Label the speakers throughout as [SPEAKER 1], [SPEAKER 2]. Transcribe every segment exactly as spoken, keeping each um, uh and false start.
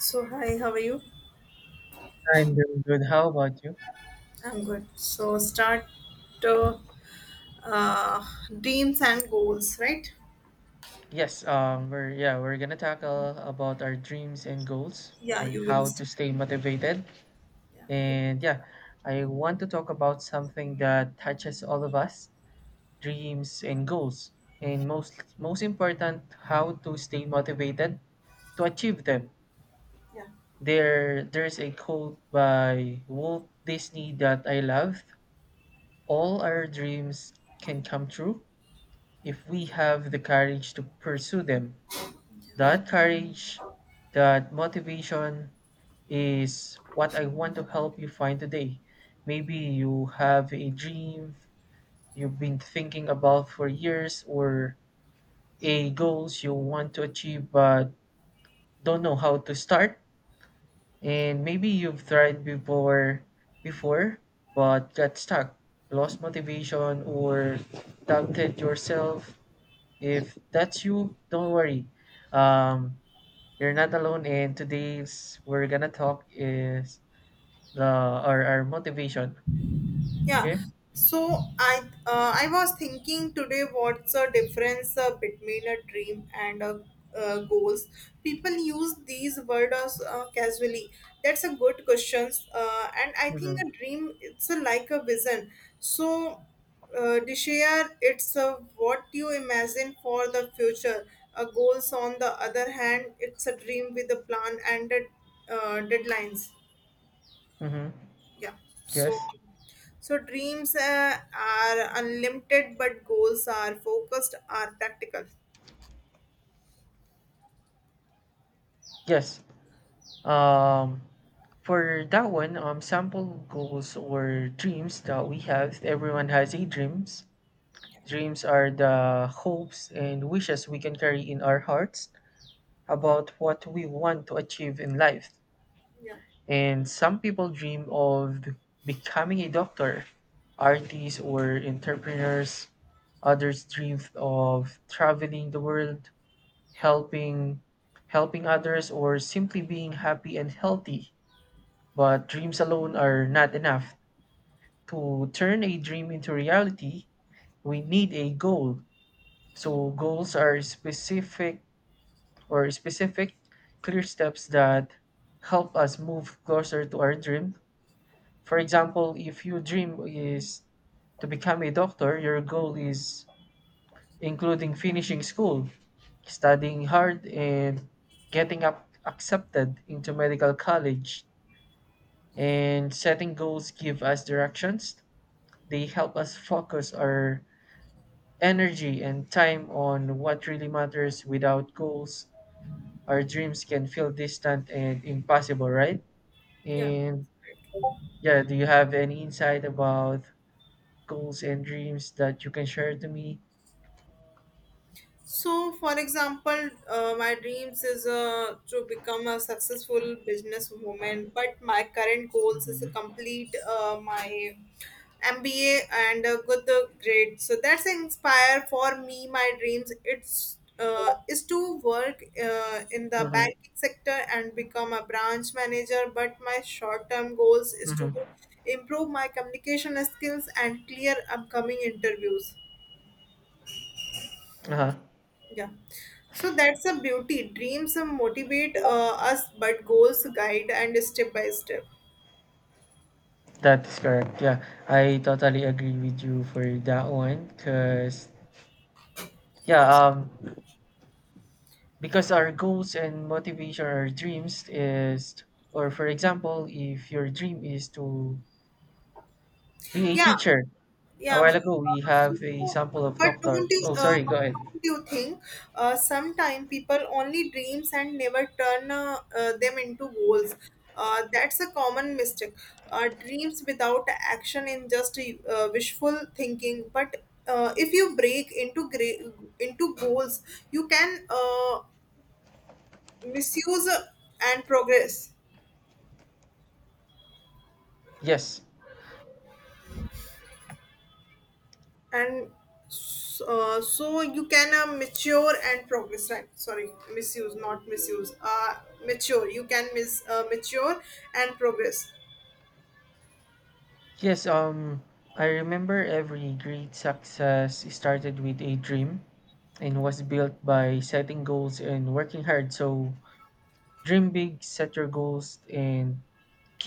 [SPEAKER 1] So, hi, how are you?
[SPEAKER 2] I'm doing good. How about you?
[SPEAKER 1] I'm good. So, start uh, uh, dreams and goals, right?
[SPEAKER 2] Yes, um, we're yeah, we're gonna tackle about our dreams and goals
[SPEAKER 1] Yeah,
[SPEAKER 2] on
[SPEAKER 1] you will
[SPEAKER 2] how to
[SPEAKER 1] start.
[SPEAKER 2] stay motivated.
[SPEAKER 1] Yeah, you will
[SPEAKER 2] And yeah,
[SPEAKER 1] start.
[SPEAKER 2] I want to talk about something that touches all of us, dreams and goals. And most most important, how to stay motivated to achieve them.
[SPEAKER 1] Yeah.
[SPEAKER 2] There there's a quote by Walt Disney that I love. All our dreams can come true if we have the courage to pursue them. That courage, that motivation is what I want to help you find today. Maybe you have a dream you've been thinking about for years or a goals you want to achieve but don't know how to start and maybe you've tried before before but got stuck, lost motivation or doubted yourself. If that's you, don't worry. Um You're not alone and today's we're gonna talk is the our, our motivation.
[SPEAKER 1] Yeah.
[SPEAKER 2] Okay?
[SPEAKER 1] So I uh, I was thinking today what's the difference uh, between a dream and a uh, goals. People use these words uh, casually. That's a good question. Uh, and I think
[SPEAKER 2] Mm-hmm.
[SPEAKER 1] a dream it's a, like a vision. So uh, Deshaya, it's uh, what you imagine for the future. A goals on the other hand, it's a dream with a plan and a, uh, deadlines.
[SPEAKER 2] Mm-hmm.
[SPEAKER 1] Yeah. so
[SPEAKER 2] Yes.
[SPEAKER 1] so dreams uh, are unlimited but goals are focused, are practical.
[SPEAKER 2] Yes. Um for that one, um sample goals or dreams that we have. Everyone has a dreams. Dreams are the hopes and wishes we can carry in our hearts about what we want to achieve in life.
[SPEAKER 1] Yeah.
[SPEAKER 2] And some people dream of becoming a doctor, artist, or entrepreneurs. Others dream of traveling the world, helping helping others, or simply being happy and healthy. But dreams alone are not enough. To turn a dream into reality, we need a goal. So goals are specific or specific clear steps that help us move closer to our dream. For example, if your dream is to become a doctor, your goal is including finishing school, studying hard, and getting up accepted into medical college. And setting goals give us directions. They help us focus our energy and time on what really matters. Without goals, our dreams can feel distant and impossible, right?
[SPEAKER 1] Yeah.
[SPEAKER 2] And yeah, do you have any insight about goals and dreams that you can share to me?
[SPEAKER 1] So, for example, uh, my dreams is uh, to become a successful businesswoman, but my current goals is to
[SPEAKER 2] Mhm.
[SPEAKER 1] complete uh, my M B A and a good uh, grade. So that's inspire for me. My dreams it's uh, is to work uh, in the
[SPEAKER 2] Mm-hmm.
[SPEAKER 1] banking sector and become a branch manager. But my short term goals is to
[SPEAKER 2] Mm-hmm.
[SPEAKER 1] improve my communication skills and clear upcoming interviews.
[SPEAKER 2] Uh-huh.
[SPEAKER 1] Yeah. So that's a beauty. Dreams uh, motivate uh, us, but goals guide and step by step.
[SPEAKER 2] That is correct. Yeah, I totally agree with you for that one. Cause yeah, um, because our goals and motivation, our dreams is, or for example, if your dream is to be a
[SPEAKER 1] Yeah,
[SPEAKER 2] teacher, a
[SPEAKER 1] yeah. Uh,
[SPEAKER 2] while ago we
[SPEAKER 1] so,
[SPEAKER 2] have a sample of
[SPEAKER 1] but
[SPEAKER 2] doctor.
[SPEAKER 1] don't you,
[SPEAKER 2] Oh,
[SPEAKER 1] uh,
[SPEAKER 2] sorry. Go
[SPEAKER 1] but
[SPEAKER 2] ahead.
[SPEAKER 1] don't you think uh, sometimes people only dreams and never turn uh, uh, them into goals? Uh, that's a common mistake. Uh, dreams without action in just uh, wishful thinking. But uh, if you break into gra- into goals, you can. Uh, misuse and progress,
[SPEAKER 2] Yes.
[SPEAKER 1] and so, so you can uh, mature and progress, right? Sorry, misuse, not misuse, uh mature, you can mis uh, mature and progress.
[SPEAKER 2] Yes. Um, I remember every great success started with a dream and was built by setting goals and working hard. So dream big, set your goals, and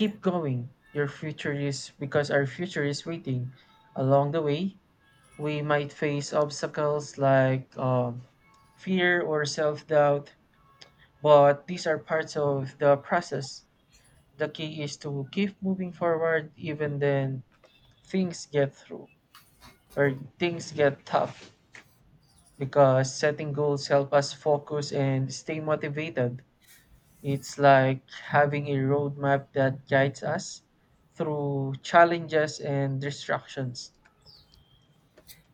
[SPEAKER 1] Yeah.
[SPEAKER 2] going. Your future is because our future is waiting. Along the way, we might face obstacles like um, fear or self doubt, but these are parts of the process. The key is to keep moving forward even then things get through or things get tough because setting goals help us focus and stay motivated. It's like having a roadmap that guides us through challenges and distractions.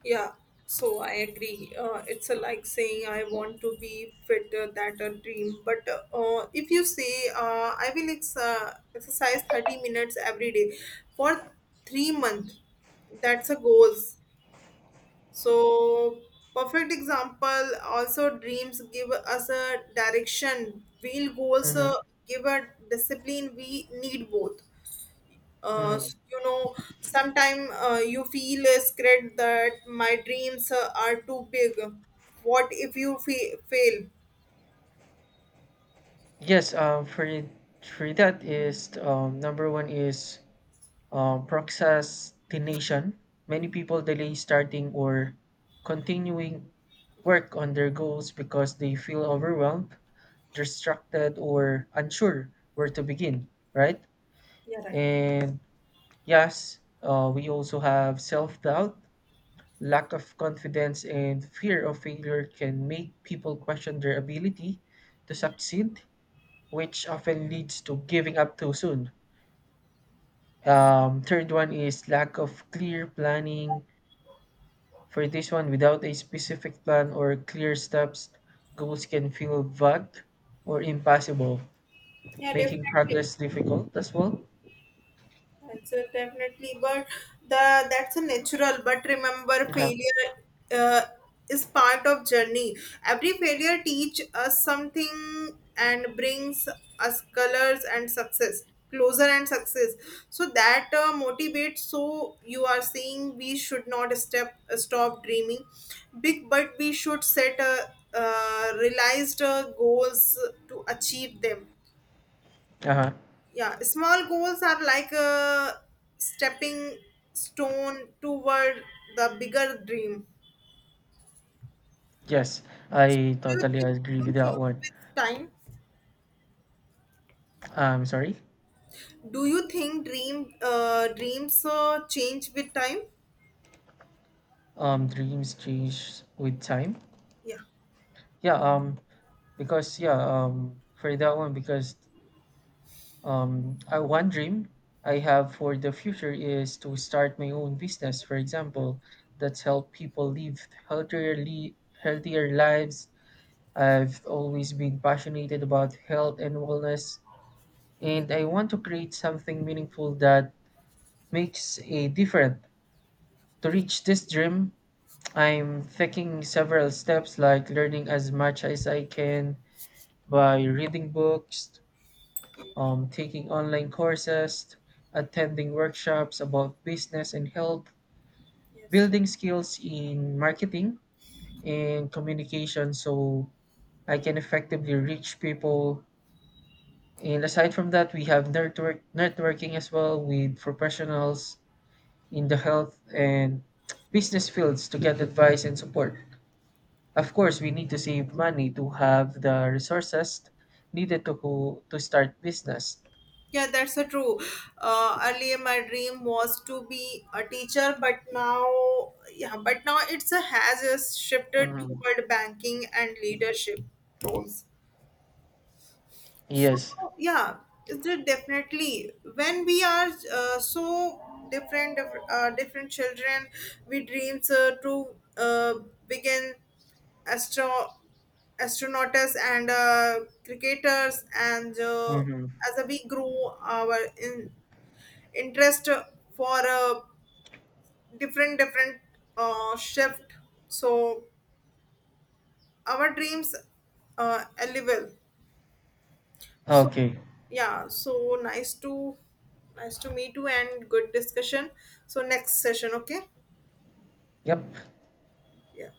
[SPEAKER 1] yeah so I agree, uh, it's a like saying I want to be fitter, that a dream, but uh, if you say uh, I will ex- uh, exercise thirty minutes every day for three months, that's a goals. So, perfect example. Also, dreams give us a direction. Real goals
[SPEAKER 2] Hmm.
[SPEAKER 1] uh, give a discipline. We need both. Uh,
[SPEAKER 2] Hmm.
[SPEAKER 1] you know, sometimes uh, you feel uh, scared that my dreams uh, are too big. What if you fa- fail?
[SPEAKER 2] Yes, um, for it- for that is um, number one is um, procrastination. Many people delay starting or continuing work on their goals because they feel overwhelmed, distracted, or unsure where to begin. Right?
[SPEAKER 1] Yeah, right.
[SPEAKER 2] And yes, uh, we also have self doubt. Lack of confidence and fear of failure can make people question their ability to succeed, which often leads to giving up too soon. Um, third one is lack of clear planning. For this one, without a specific plan or clear steps, goals can feel vague or impossible,
[SPEAKER 1] Yeah,
[SPEAKER 2] making
[SPEAKER 1] definitely.
[SPEAKER 2] progress difficult as well.
[SPEAKER 1] That's a definitely, but the that's a natural. But remember,
[SPEAKER 2] Uh-huh.
[SPEAKER 1] failure uh, is part of journey. Every failure teach us something and brings us colors and success closer and success, so that uh, motivates. So you are saying we should not step stop dreaming big but we should set a uh, realized uh, goals to achieve them.
[SPEAKER 2] Uh-huh.
[SPEAKER 1] Yeah, small goals are like a stepping stone toward the bigger dream.
[SPEAKER 2] Yes,
[SPEAKER 1] Do
[SPEAKER 2] I
[SPEAKER 1] you
[SPEAKER 2] totally
[SPEAKER 1] think
[SPEAKER 2] agree with
[SPEAKER 1] dream change
[SPEAKER 2] that one.
[SPEAKER 1] with time?
[SPEAKER 2] Um, sorry.
[SPEAKER 1] Do you think dream uh, dreams uh, change with time?
[SPEAKER 2] Um, dreams change with time.
[SPEAKER 1] Yeah.
[SPEAKER 2] Yeah, um, because yeah, um, for that one, because um, I one dream I have for the future is to start my own business, for example, that's help people live healthier, li- healthier lives. I've always been passionate about health and wellness, and I want to create something meaningful that makes a difference. To
[SPEAKER 1] just
[SPEAKER 2] reach this dream, I'm taking several steps like learning as much as I can by reading books, um, taking online courses, attending workshops about business and health,
[SPEAKER 1] Yes.
[SPEAKER 2] building skills in marketing and communication so I can effectively reach people. And aside from that, we have network networking as well with professionals in the health and business fields to get advice and support. Of course, we need to save money to have the resources needed to go, to start business.
[SPEAKER 1] Yeah, that's a true. Uh, earlier, my dream was to be a teacher, but now, yeah, but now it's a has a shifted
[SPEAKER 2] Mhm.
[SPEAKER 1] toward banking and leadership roles. So
[SPEAKER 2] Yes.
[SPEAKER 1] yeah, it's de- definitely when we are uh, so different, diff- uh, different children, we dreams uh, to uh, begin astro astronauts and uh, cricketers, and uh,
[SPEAKER 2] Mhm.
[SPEAKER 1] as we grow our in- interest for uh, different different uh, shift, so our dreams uh, eligible. So
[SPEAKER 2] Okay.
[SPEAKER 1] yeah, so nice to nice to meet you and good discussion. So next session, okay?
[SPEAKER 2] Yep.
[SPEAKER 1] Yeah.